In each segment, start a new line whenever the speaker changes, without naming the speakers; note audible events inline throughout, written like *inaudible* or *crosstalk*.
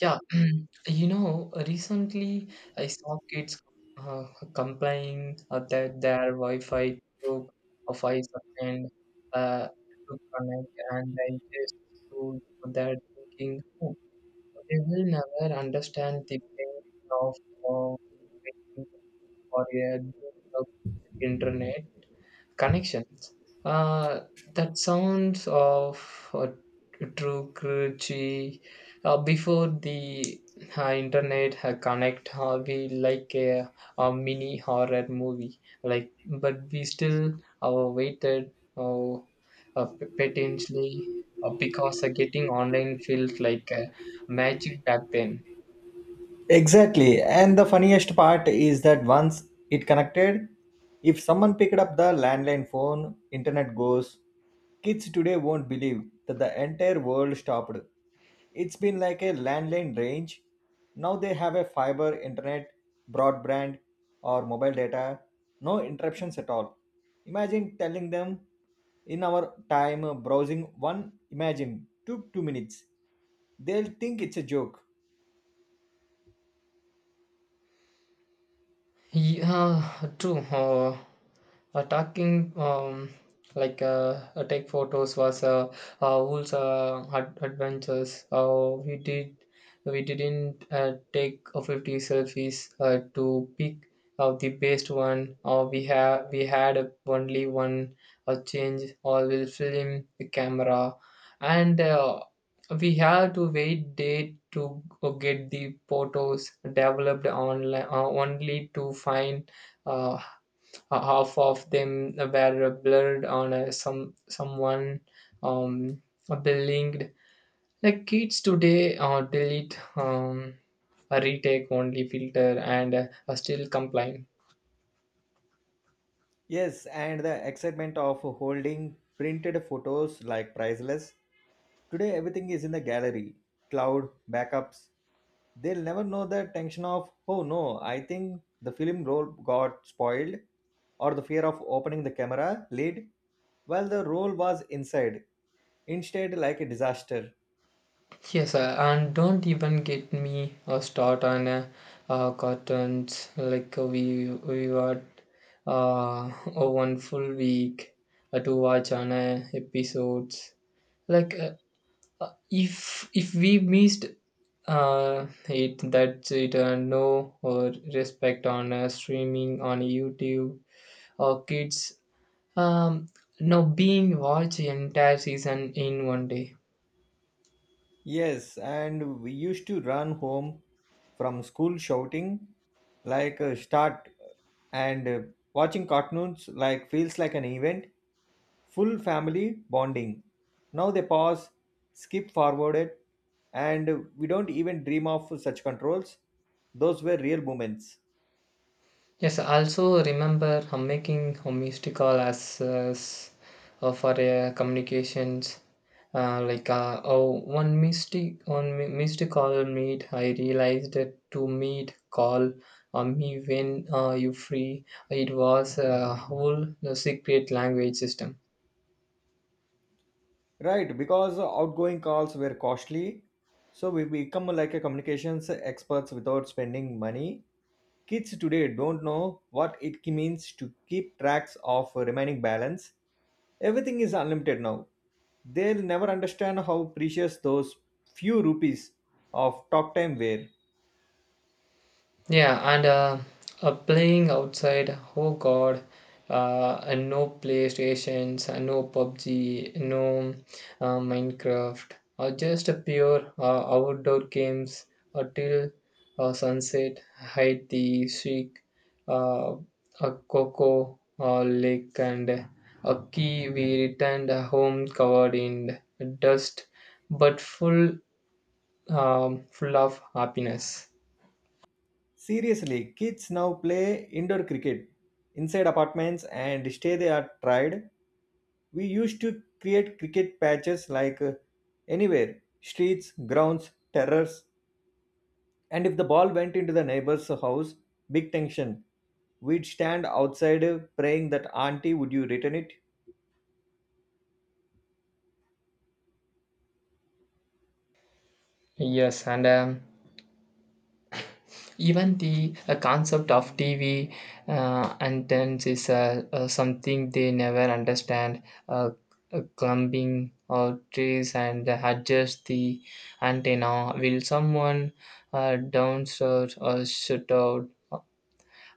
Yeah, *clears throat* recently I saw kids uh, complain that their Wi-Fi took a 5 second to connect, and I just stood there thinking, oh, they will never understand the pain of uh, waiting for a good internet. Connections. Uh, that sounds of a true cruelty. Before the internet connect, we like a mini horror movie. Like, but we still waited potentially because getting online felt like magic back then.
Exactly. And the funniest part is that once it connected, if someone picked up the landline phone, internet goes. Kids today won't believe that the entire world stopped. It's been like a landline range. Now they have a fiber internet, broadband, or mobile data. No interruptions at all. Imagine telling them in our time browsing one, imagine, took 2 minutes. They'll think it's a joke.
Yeah, true. Talking, like take photos was Wolf's adventures. We didn't take 50 selfies to pick out the best one. We had only one change. We will film the camera, and we have to wait day to get the photos developed online only to find uh, half of them were blurred on someone um, linked. Like kids today delete a retake only filter and still complain.
Yes, and the excitement of holding printed photos like priceless. Today, everything is in the gallery, cloud, backups. They'll never know the tension of, oh no, I think the film roll got spoiled, or the fear of opening the camera lid while the roll was inside. Instead, like a disaster.
Yes, sir, and don't even get me a start on curtains. Like we had *laughs* a one full week to watch on episodes. Like if we missed it, that's it. No respect on streaming on YouTube or kids. Um, no being watched entire season in one day.
Yes, and we used to run home from school shouting like a start and watching cartoons like feels like an event, full family bonding. Now they pause, skip forwarded, and we don't even dream of such controls. Those were real moments.
Yes, I also remember making a mystic call as for communications. Like, oh, one mystic one mi- mystic call meet. I realized that to meet call on me when you free. It was a whole secret language system.
Right, because outgoing calls were costly, so we become like a communications experts without spending money. Kids today don't know what it means to keep tracks of remaining balance. Everything is unlimited now. They'll never understand how precious those few rupees of talk time were.
Yeah, and playing outside, oh god, and no PlayStations, and no PUBG, no Minecraft, or just a pure outdoor games until sunset, hide the seek, uh, a cocoa lake, and a key. We returned home covered in dust, but full of happiness.
Seriously, kids now play indoor cricket inside apartments and stay they are tried. We used to create cricket patches like anywhere streets, grounds, terraces. And if the ball went into the neighbor's house, big tension. We'd stand outside praying that auntie would you return it?
Yes, and even the concept of TV antennas is something they never understand. Uh, Climbing or trees and adjust the antenna. Will someone downstairs or shut out?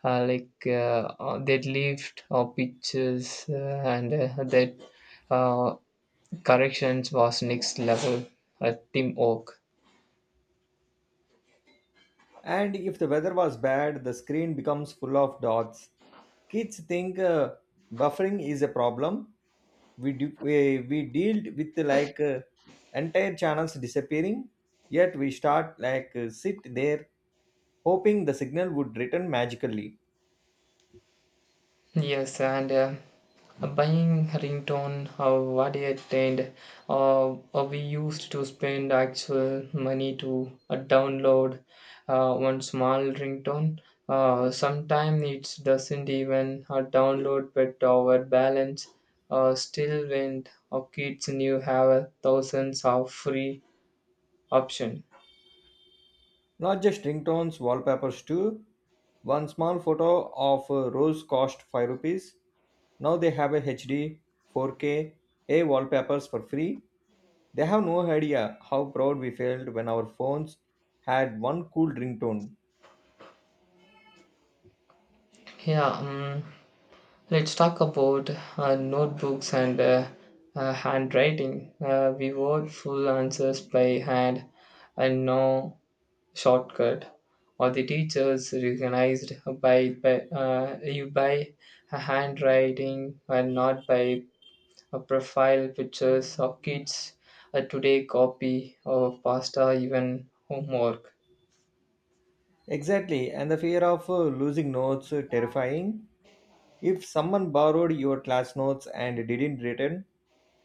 Like, that lift or pictures and that uh, corrections was next level at Tim Oak.
And if the weather was bad, the screen becomes full of dots. Kids think buffering is a problem. We dealt with like entire channels disappearing, yet we start like sit there hoping the signal would return magically.
Yes, and buying ringtone what it and uh, we used to spend actual money to download one small ringtone. Sometimes it doesn't even download but our balance still went our kids knew have a thousands of free option.
Not just ringtones, wallpapers too. One small photo of a rose cost 5 rupees. Now they have a HD, 4K, A wallpapers for free. They have no idea how proud we felt when our phones had one cool ringtone.
Yeah. Let's talk about notebooks and handwriting. We wrote full answers by hand and no shortcut. Or the teachers recognized by you by a handwriting and not by a profile pictures of kids. Today, copy of pasta, even homework.
Exactly, and the fear of losing notes terrifying. If someone borrowed your class notes and didn't return,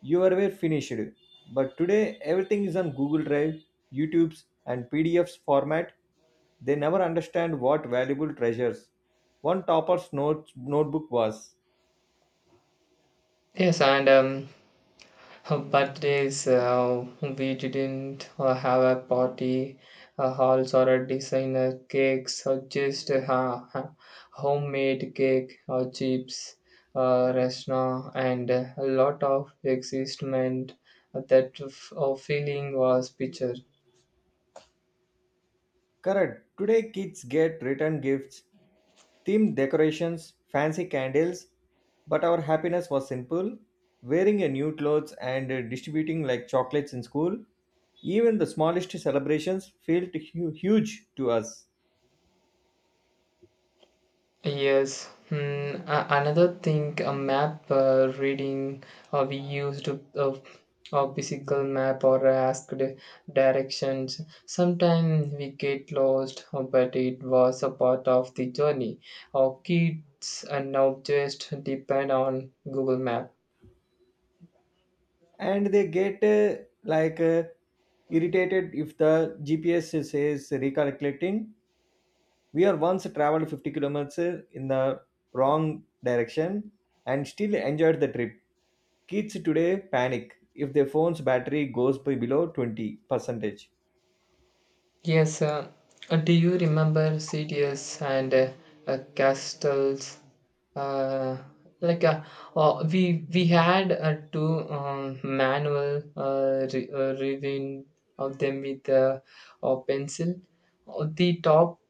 you were finished. But today everything is on Google Drive, YouTube's and PDF's format. They never understand what valuable treasures one topper's notes, notebook was.
Yes, and but days we didn't have a party, halls or a designer cakes, or just homemade cake or chips, restaurant, and a lot of excitement. That feeling was picture.
Correct. Today kids get written gifts, themed decorations, fancy candles, but our happiness was simple wearing a new clothes and distributing like chocolates in school. Even the smallest celebrations felt huge to us,
Yes. Hmm. Another thing, a map reading. We used a physical map or asked directions. Sometimes we get lost, but it was a part of the journey. Our kids are now just depend on Google Maps.
and they get irritated if the GPS says recalculating. We are once traveled 50 kilometers in the wrong direction and still enjoyed the trip. Kids today panic if their phone's battery goes by below 20 percentage.
Yes, do you remember CDS and Castles? Uh, like, we had two manual reading of them with a pencil. The top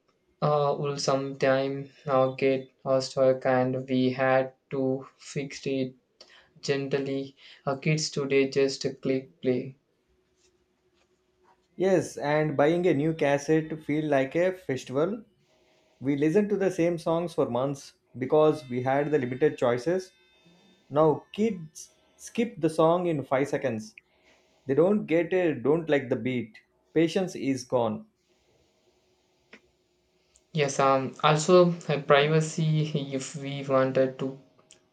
will sometime get stuck, and we had to fix it gently. Kids today just click play.
Yes, and buying a new cassette feel like a festival. We listened to the same songs for months because we had the limited choices. Now kids skip the song in 5 seconds. They don't get a don't like the beat. Patience is gone.
Yes, also privacy. If we wanted to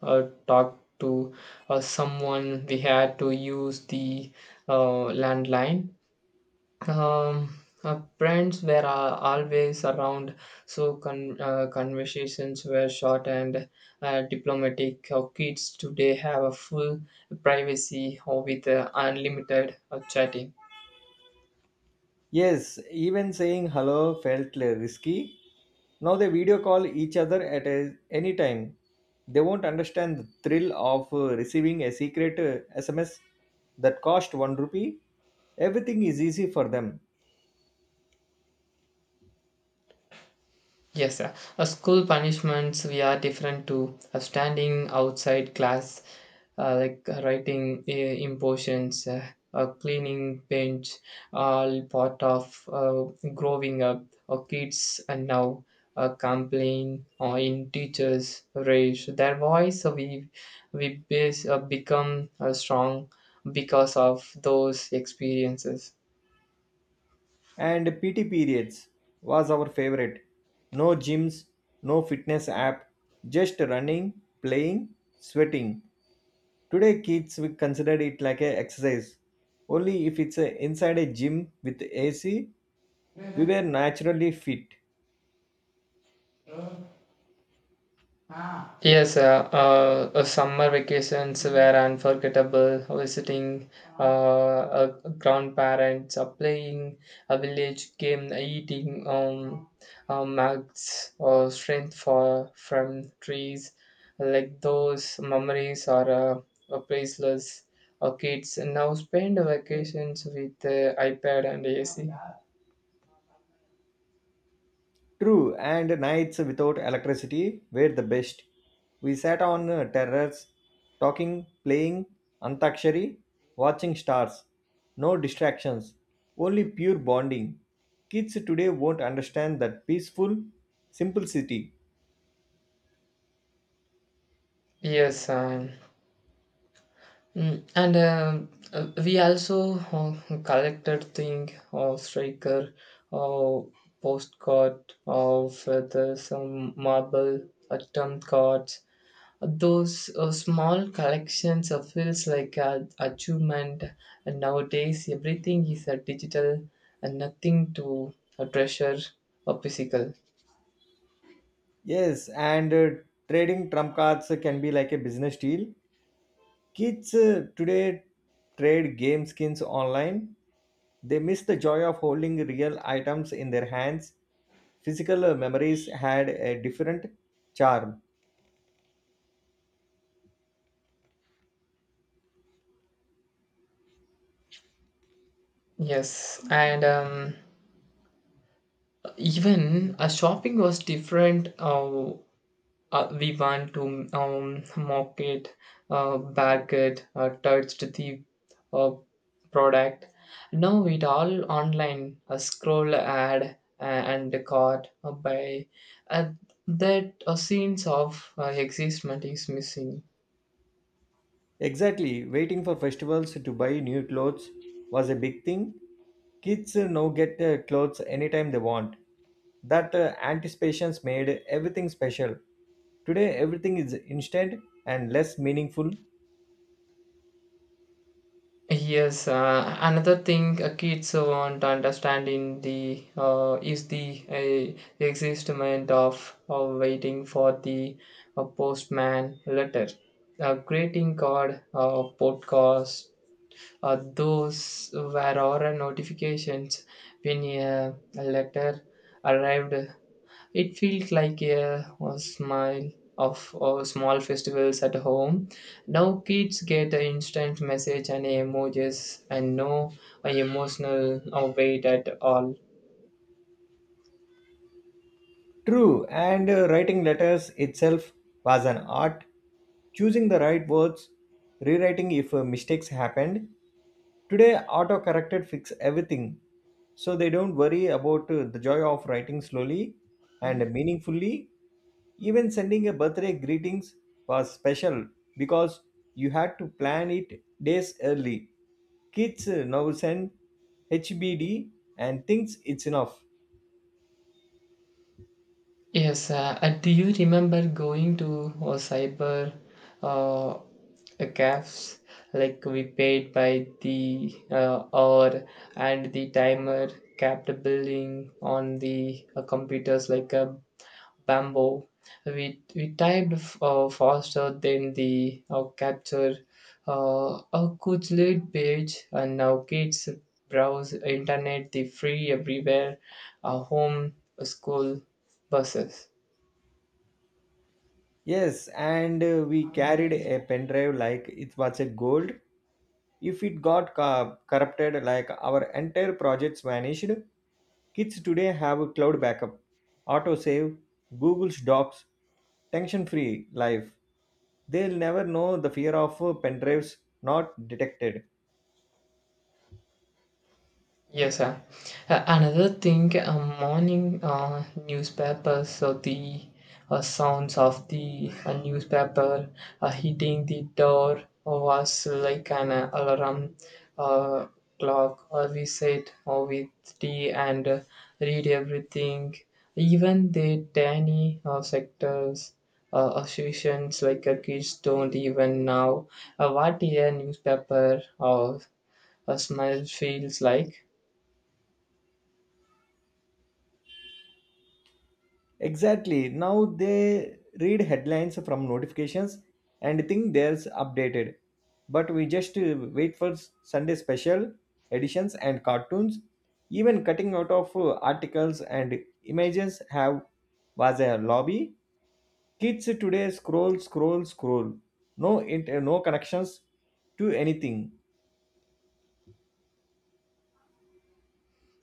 talk to someone, we had to use the landline. Um, Friends were always around, so conversations were short and diplomatic. Our kids today have a full privacy or with unlimited chatting.
Yes, even saying hello felt risky. Now they video call each other at any time. They won't understand the thrill of receiving a secret SMS that cost 1 rupee. Everything is easy for them.
Yes, sir. School punishments we are different to standing outside class, like writing impositions, cleaning bench, all part of growing up. Or kids and now complain or in teachers raise their voice. So we base, become strong because of those experiences.
And PT periods was our favorite. No gyms, no fitness app, just running, playing, sweating. Today kids we consider it like a exercise. Only if it's inside a gym with AC. We were naturally fit.
Yes, summer vacations were unforgettable. Visiting uh, uh, grandparents, playing a village game, eating mugs or strength for from trees. Like those memories are priceless. Kids now spend vacations with iPad and AC.
True, and nights without electricity were the best. We sat on terraces, talking, playing Antakshari, watching stars. No distractions, only pure bonding. Kids today won't understand that peaceful simplicity.
Yes, Mm, and we also collected thing of striker or postcard or feather some marble atom cards. Those small collections of feels like a achievement, and nowadays everything is a digital and nothing to a treasure or physical.
Yes, and trading trump cards can be like a business deal. Kids today trade game skins online. They miss the joy of holding real items in their hands. Physical memories had a different charm.
Yes, and even shopping was different. We want to mock it, bag it, touch the uh, product. Now it all online, a scroll ad and caught by uh, that sense of existment is missing.
Exactly, waiting for festivals to buy new clothes was a big thing. Kids now get clothes anytime they want. That anticipation's made everything special. Today, everything is instant and less meaningful.
Yes, another thing kids want to understand in the is the existence of waiting for the postman letter, a greeting card, podcast. Those were our notifications when a letter arrived. It feels like a smile of small festivals at home. Now kids get an instant message and emojis and no emotional weight at all.
True, and writing letters itself was an art. Choosing the right words, rewriting if mistakes happened. Today, autocorrected fix everything, so they don't worry about the joy of writing slowly and meaningfully. Even sending a birthday greetings was special because you had to plan it days early. Kids now send HBD and thinks it's enough.
Yes, do you remember going to cyber cafes? Like we paid by the hour and the timer kept billing on the computers like a Bamboo. We typed faster than the capture a good lead page, and now kids browse internet the free everywhere, home, school, buses.
Yes, and we carried a pendrive like it was a gold. If it got corrupted, like our entire projects vanished. Kids today have a cloud backup, autosave, Google's Docs, tension-free life. They'll never know the fear of pendrives not detected.
Yes, sir. Another thing, morning newspapers, so the sounds of the newspaper hitting the door was like an alarm uh, clock, or we said, or with tea and read everything. Even the tiny sectors, associations like kids don't even know what a newspaper or a smile feels like.
Exactly. Now they read headlines from notifications and think there's updated. But we just wait for Sunday special editions and cartoons. Even cutting out of articles and images have was a lobby. Kids today scroll, scroll, scroll. No connections to anything.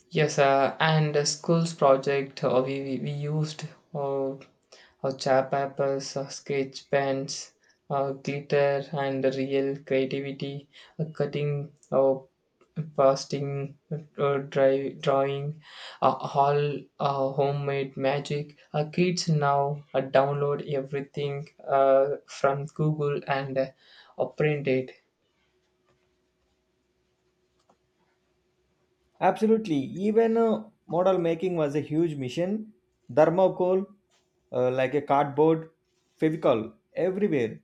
Yes, and the school's project, we used uh, uh, chart papers, sketch pens, glitter, and real creativity, cutting, pasting, drawing, all homemade magic. Kids now download everything from Google and print it.
Absolutely. Even model making was a huge mission. Thermocol, like a cardboard, Fevicol, everywhere.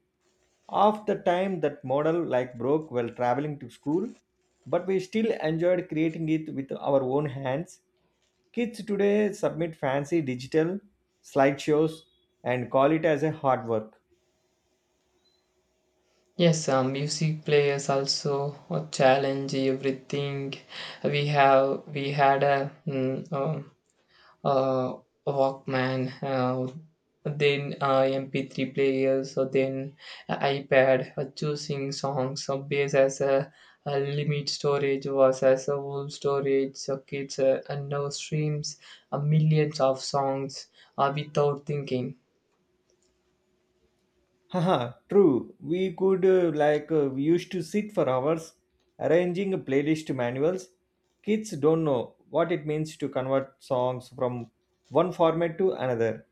Half the time that model like broke while traveling to school, but we still enjoyed creating it with our own hands. Kids today submit fancy digital slideshows and call it as a hard work.
Yes, music players also challenge everything. We had a uh, Walkman, then MP3 players, then a iPad. Choosing songs based as a limit storage was as a whole storage. So kids and now streams millions of songs without thinking.
Haha, true. We could like we used to sit for hours arranging playlist manuals. Kids don't know what it means to convert songs from one format to another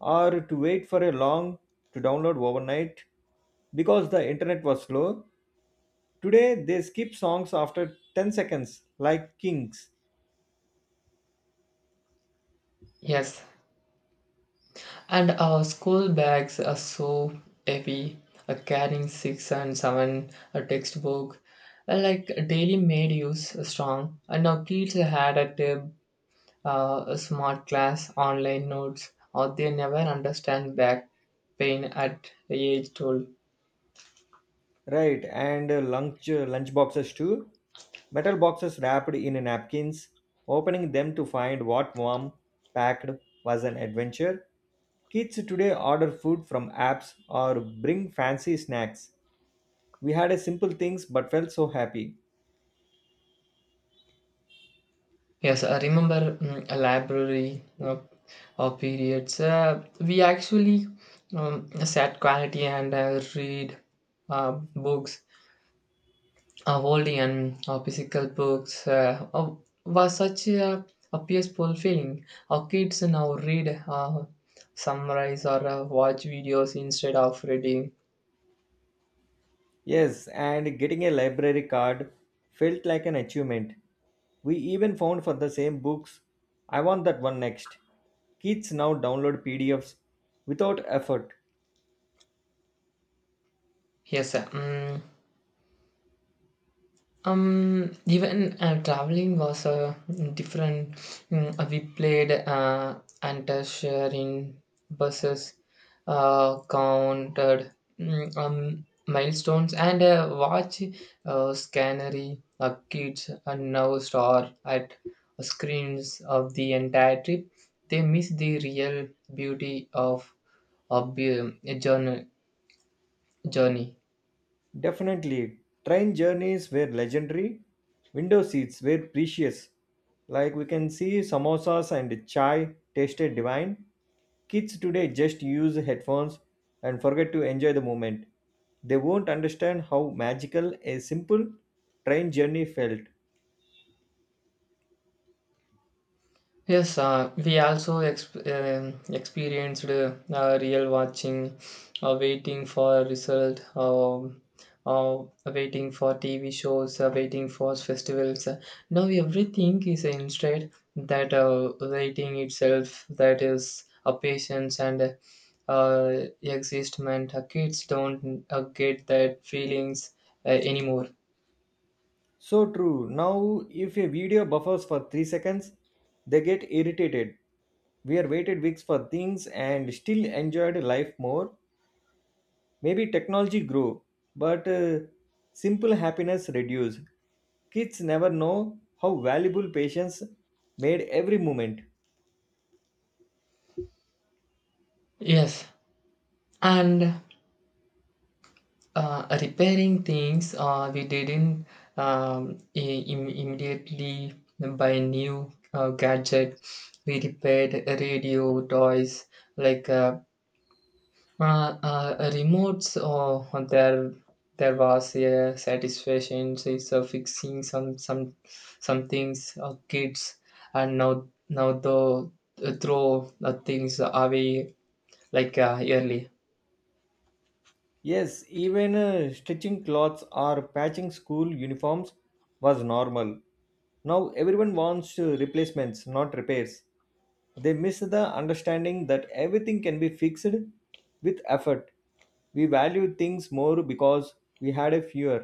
or to wait for a long to download overnight because the internet was slow. Today they skip songs after 10 seconds like kings.
Yes, and our school bags are so heavy, carrying six and seven a textbook, like daily made use strong. And now kids had a tab, a smart class, online notes, or they never understand back pain at age 12.
Right, and lunch boxes too. Metal boxes wrapped in napkins. Opening them to find what mom packed was an adventure. Kids today order food from apps or bring fancy snacks. We had a simple things but felt so happy.
Yes, I remember a library or periods. We actually sat quietly and read books holding an physical books was such a peaceful feeling. Our kids now read summarize or watch videos instead of reading.
Yes, and getting a library card felt like an achievement. We even found for the same books. I want that one next. Kids now download PDFs without effort.
Yes, sir. Even traveling was different. We played anti-share in buses, counted milestones, and watch scannery kids and now star at screens of the entire trip. They miss the real beauty of the journey.
Definitely, train journeys were legendary. Window seats were precious. Like we can see, samosas and chai tasted divine. Kids today just use headphones and forget to enjoy the moment. They won't understand how magical a simple train journey felt.
Yes, we also experienced real watching, waiting for a result, uh, waiting for TV shows, waiting for festivals. Now everything is instead that waiting itself, that is a patience and uh, existment. Kids don't get that feelings anymore.
So true. Now, if a video buffers for 3 seconds, they get irritated. We are waited weeks for things and still enjoyed life more. Maybe technology grow, but simple happiness reduce. Kids never know how valuable patience made every moment.
Yes, and repairing things we didn't immediately buy new gadget. We repaired radio toys like remotes. Or there was a satisfaction so fixing some things. Kids and now the throw things away like early.
Yes, even stitching clothes or patching school uniforms was normal. Now everyone wants replacements not repairs. They miss the understanding that everything can be fixed with effort. We value things more because we had a fewer.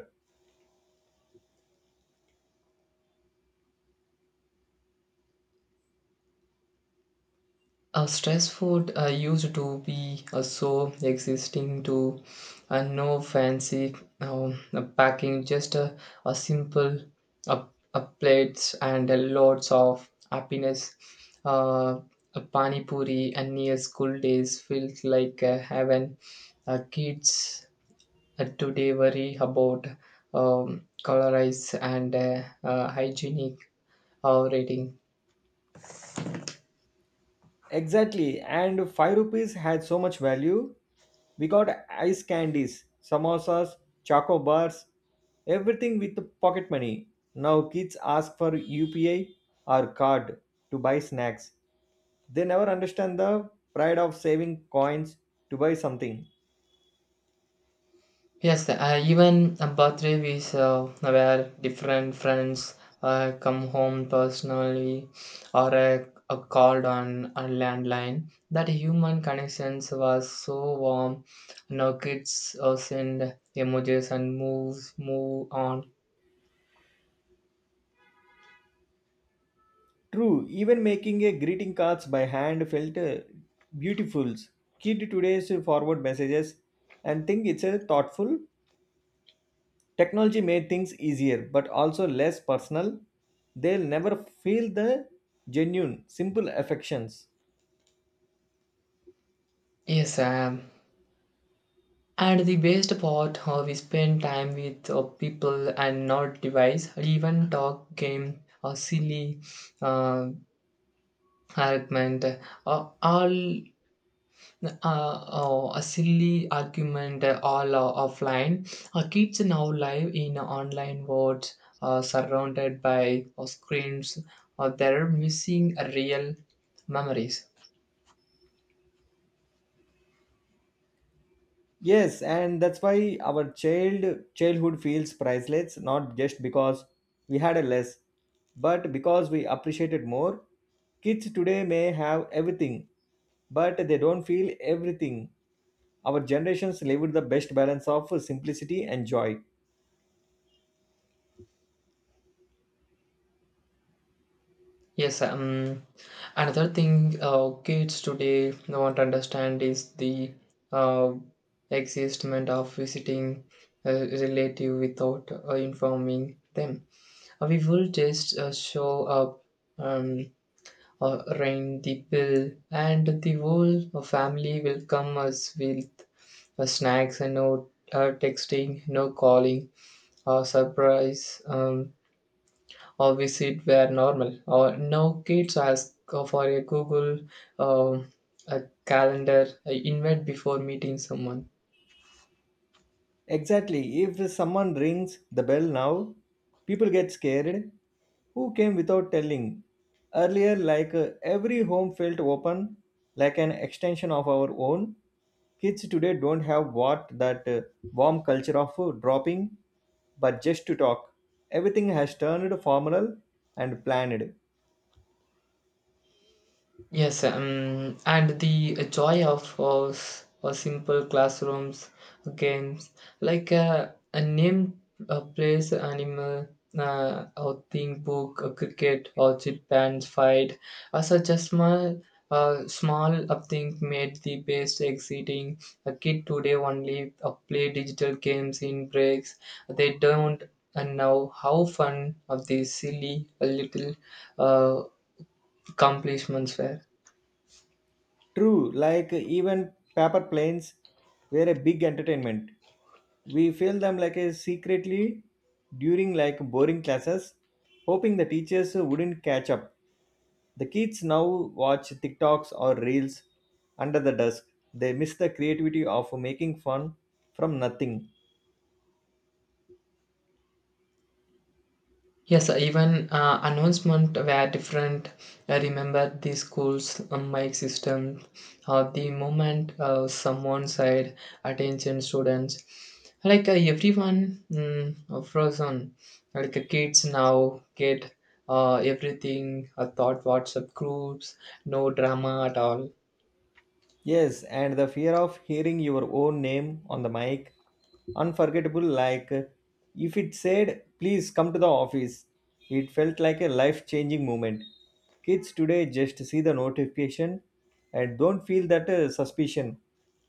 Stress food used to be so existing to no fancy packing, just a simple uh, plates and lots of happiness. Uh, a pani puri and near school days felt like heaven. Kids today worry about colorize and hygienic rating.
Exactly, and 5 rupees had so much value. We got ice candies, samosas, choco bars, everything with the pocket money. Now kids ask for UPI or card to buy snacks. They never understand the pride of saving coins to buy something.
Yes, even a birthday we saw where different friends come home personally or a called on a landline. That human connections was so warm. Now kids send emojis and move on.
True, even making a greeting cards by hand felt beautiful. Kid today's forward messages and think it's a thoughtful. Technology made things easier but also less personal. They'll never feel the genuine, simple affections.
Yes, and the best part how we spend time with people and not device. Even talk game or silly uh, argument. All oh, a silly argument all offline. Kids now live in online world, surrounded by screens. They're missing real memories.
Yes, and that's why our childhood feels priceless, not just because we had a less, but because we appreciated more. Kids today may have everything, but they don't feel everything. Our generations lived the best balance of simplicity and joy.
Yes, another thing kids today want to understand is the uh, existence of visiting a relative without informing them. We will just show up um, ring the bell, and the whole family will come us with snacks and no texting, no calling, or surprise, or visit where normal. Or no kids ask for a Google um, a calendar, invite before meeting someone.
Exactly. If someone rings the bell now, people get scared. Who came without telling? Earlier, like every home felt open, like an extension of our own. Kids today don't have what that warm culture of dropping, but just to talk. Everything has turned formal and planned.
Yes, and the joy of us, simple classrooms, games, like a name, a place, animal, or thing book, a cricket, or chip and fight, or such a small upthink made the best exciting. A kid today only play digital games in breaks. They don't know how fun of these silly little uh, accomplishments were.
True, like even paper planes were a big entertainment. We feel them like a secretly during like boring classes, hoping the teachers wouldn't catch up. The kids now watch TikToks or reels under the desk. They miss the creativity of making fun from nothing.
Yes, even announcement were different. I remember the school's mic system, or the moment someone said attention students, like everyone frozen, like kids now get everything, thought WhatsApp groups, no drama at all.
Yes, and the fear of hearing your own name on the mic, unforgettable. Like if it said, please come to the office, it felt like a life changing moment. Kids today just see the notification and don't feel that suspicion.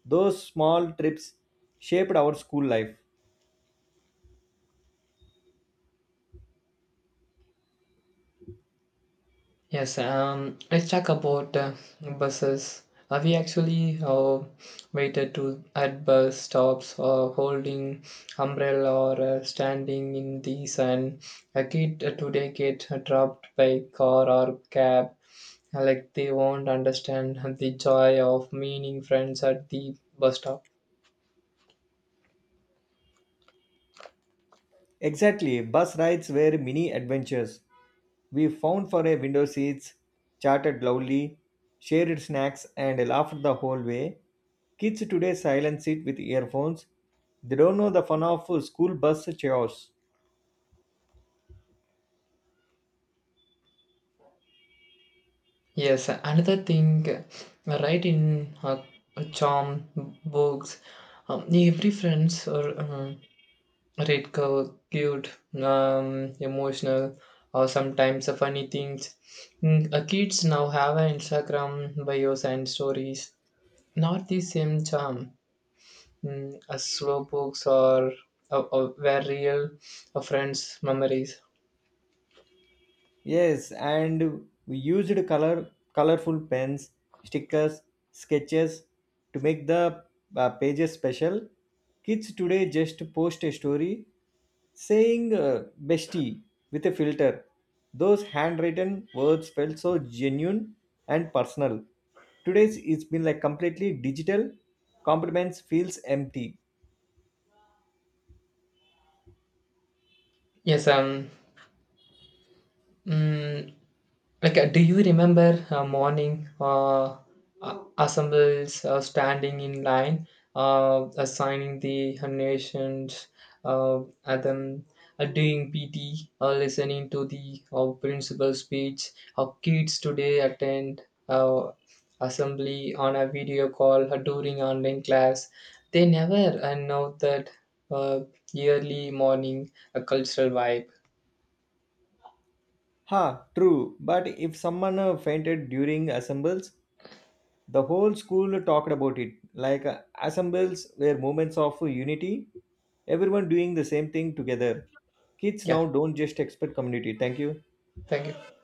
Those small trips shaped our school life.
Yes, let's talk about buses. We actually waited to at bus stops, holding umbrella or standing in the sun. A kid today get dropped by car or cab, like they won't understand the joy of meeting friends at the bus stop.
Exactly, bus rides were mini adventures. We found for a window seats, chatted loudly, shared snacks, and laughed the whole way. Kids today silence it with earphones. They don't know the fun of school bus chaos.
Yes, another thing, right in charm books, every friends or, Redcoat, cute, emotional, or sometimes the funny things. Kids now have an Instagram bios and stories. Not the same charm as slow books or were real friends' memories.
Yes, and we used colorful pens, stickers, sketches to make the pages special. Kids today just post a story saying bestie with a filter. Those handwritten words felt so genuine and personal. Today's it's been like completely digital. Compliments feels empty.
Yes, mm, like, do you remember a morning assembles standing in line, assigning the nations, at them doing PT, listening to the principal speech? How kids today attend uh, assembly on a video call during online class? They never know that uh, yearly morning cultural vibe.
Ha, true. But if someone fainted during assembles, the whole school talked about it like assembles were moments of unity. Everyone doing the same thing together, kids
Yeah,
now don't just expect community. Thank you.
thank you.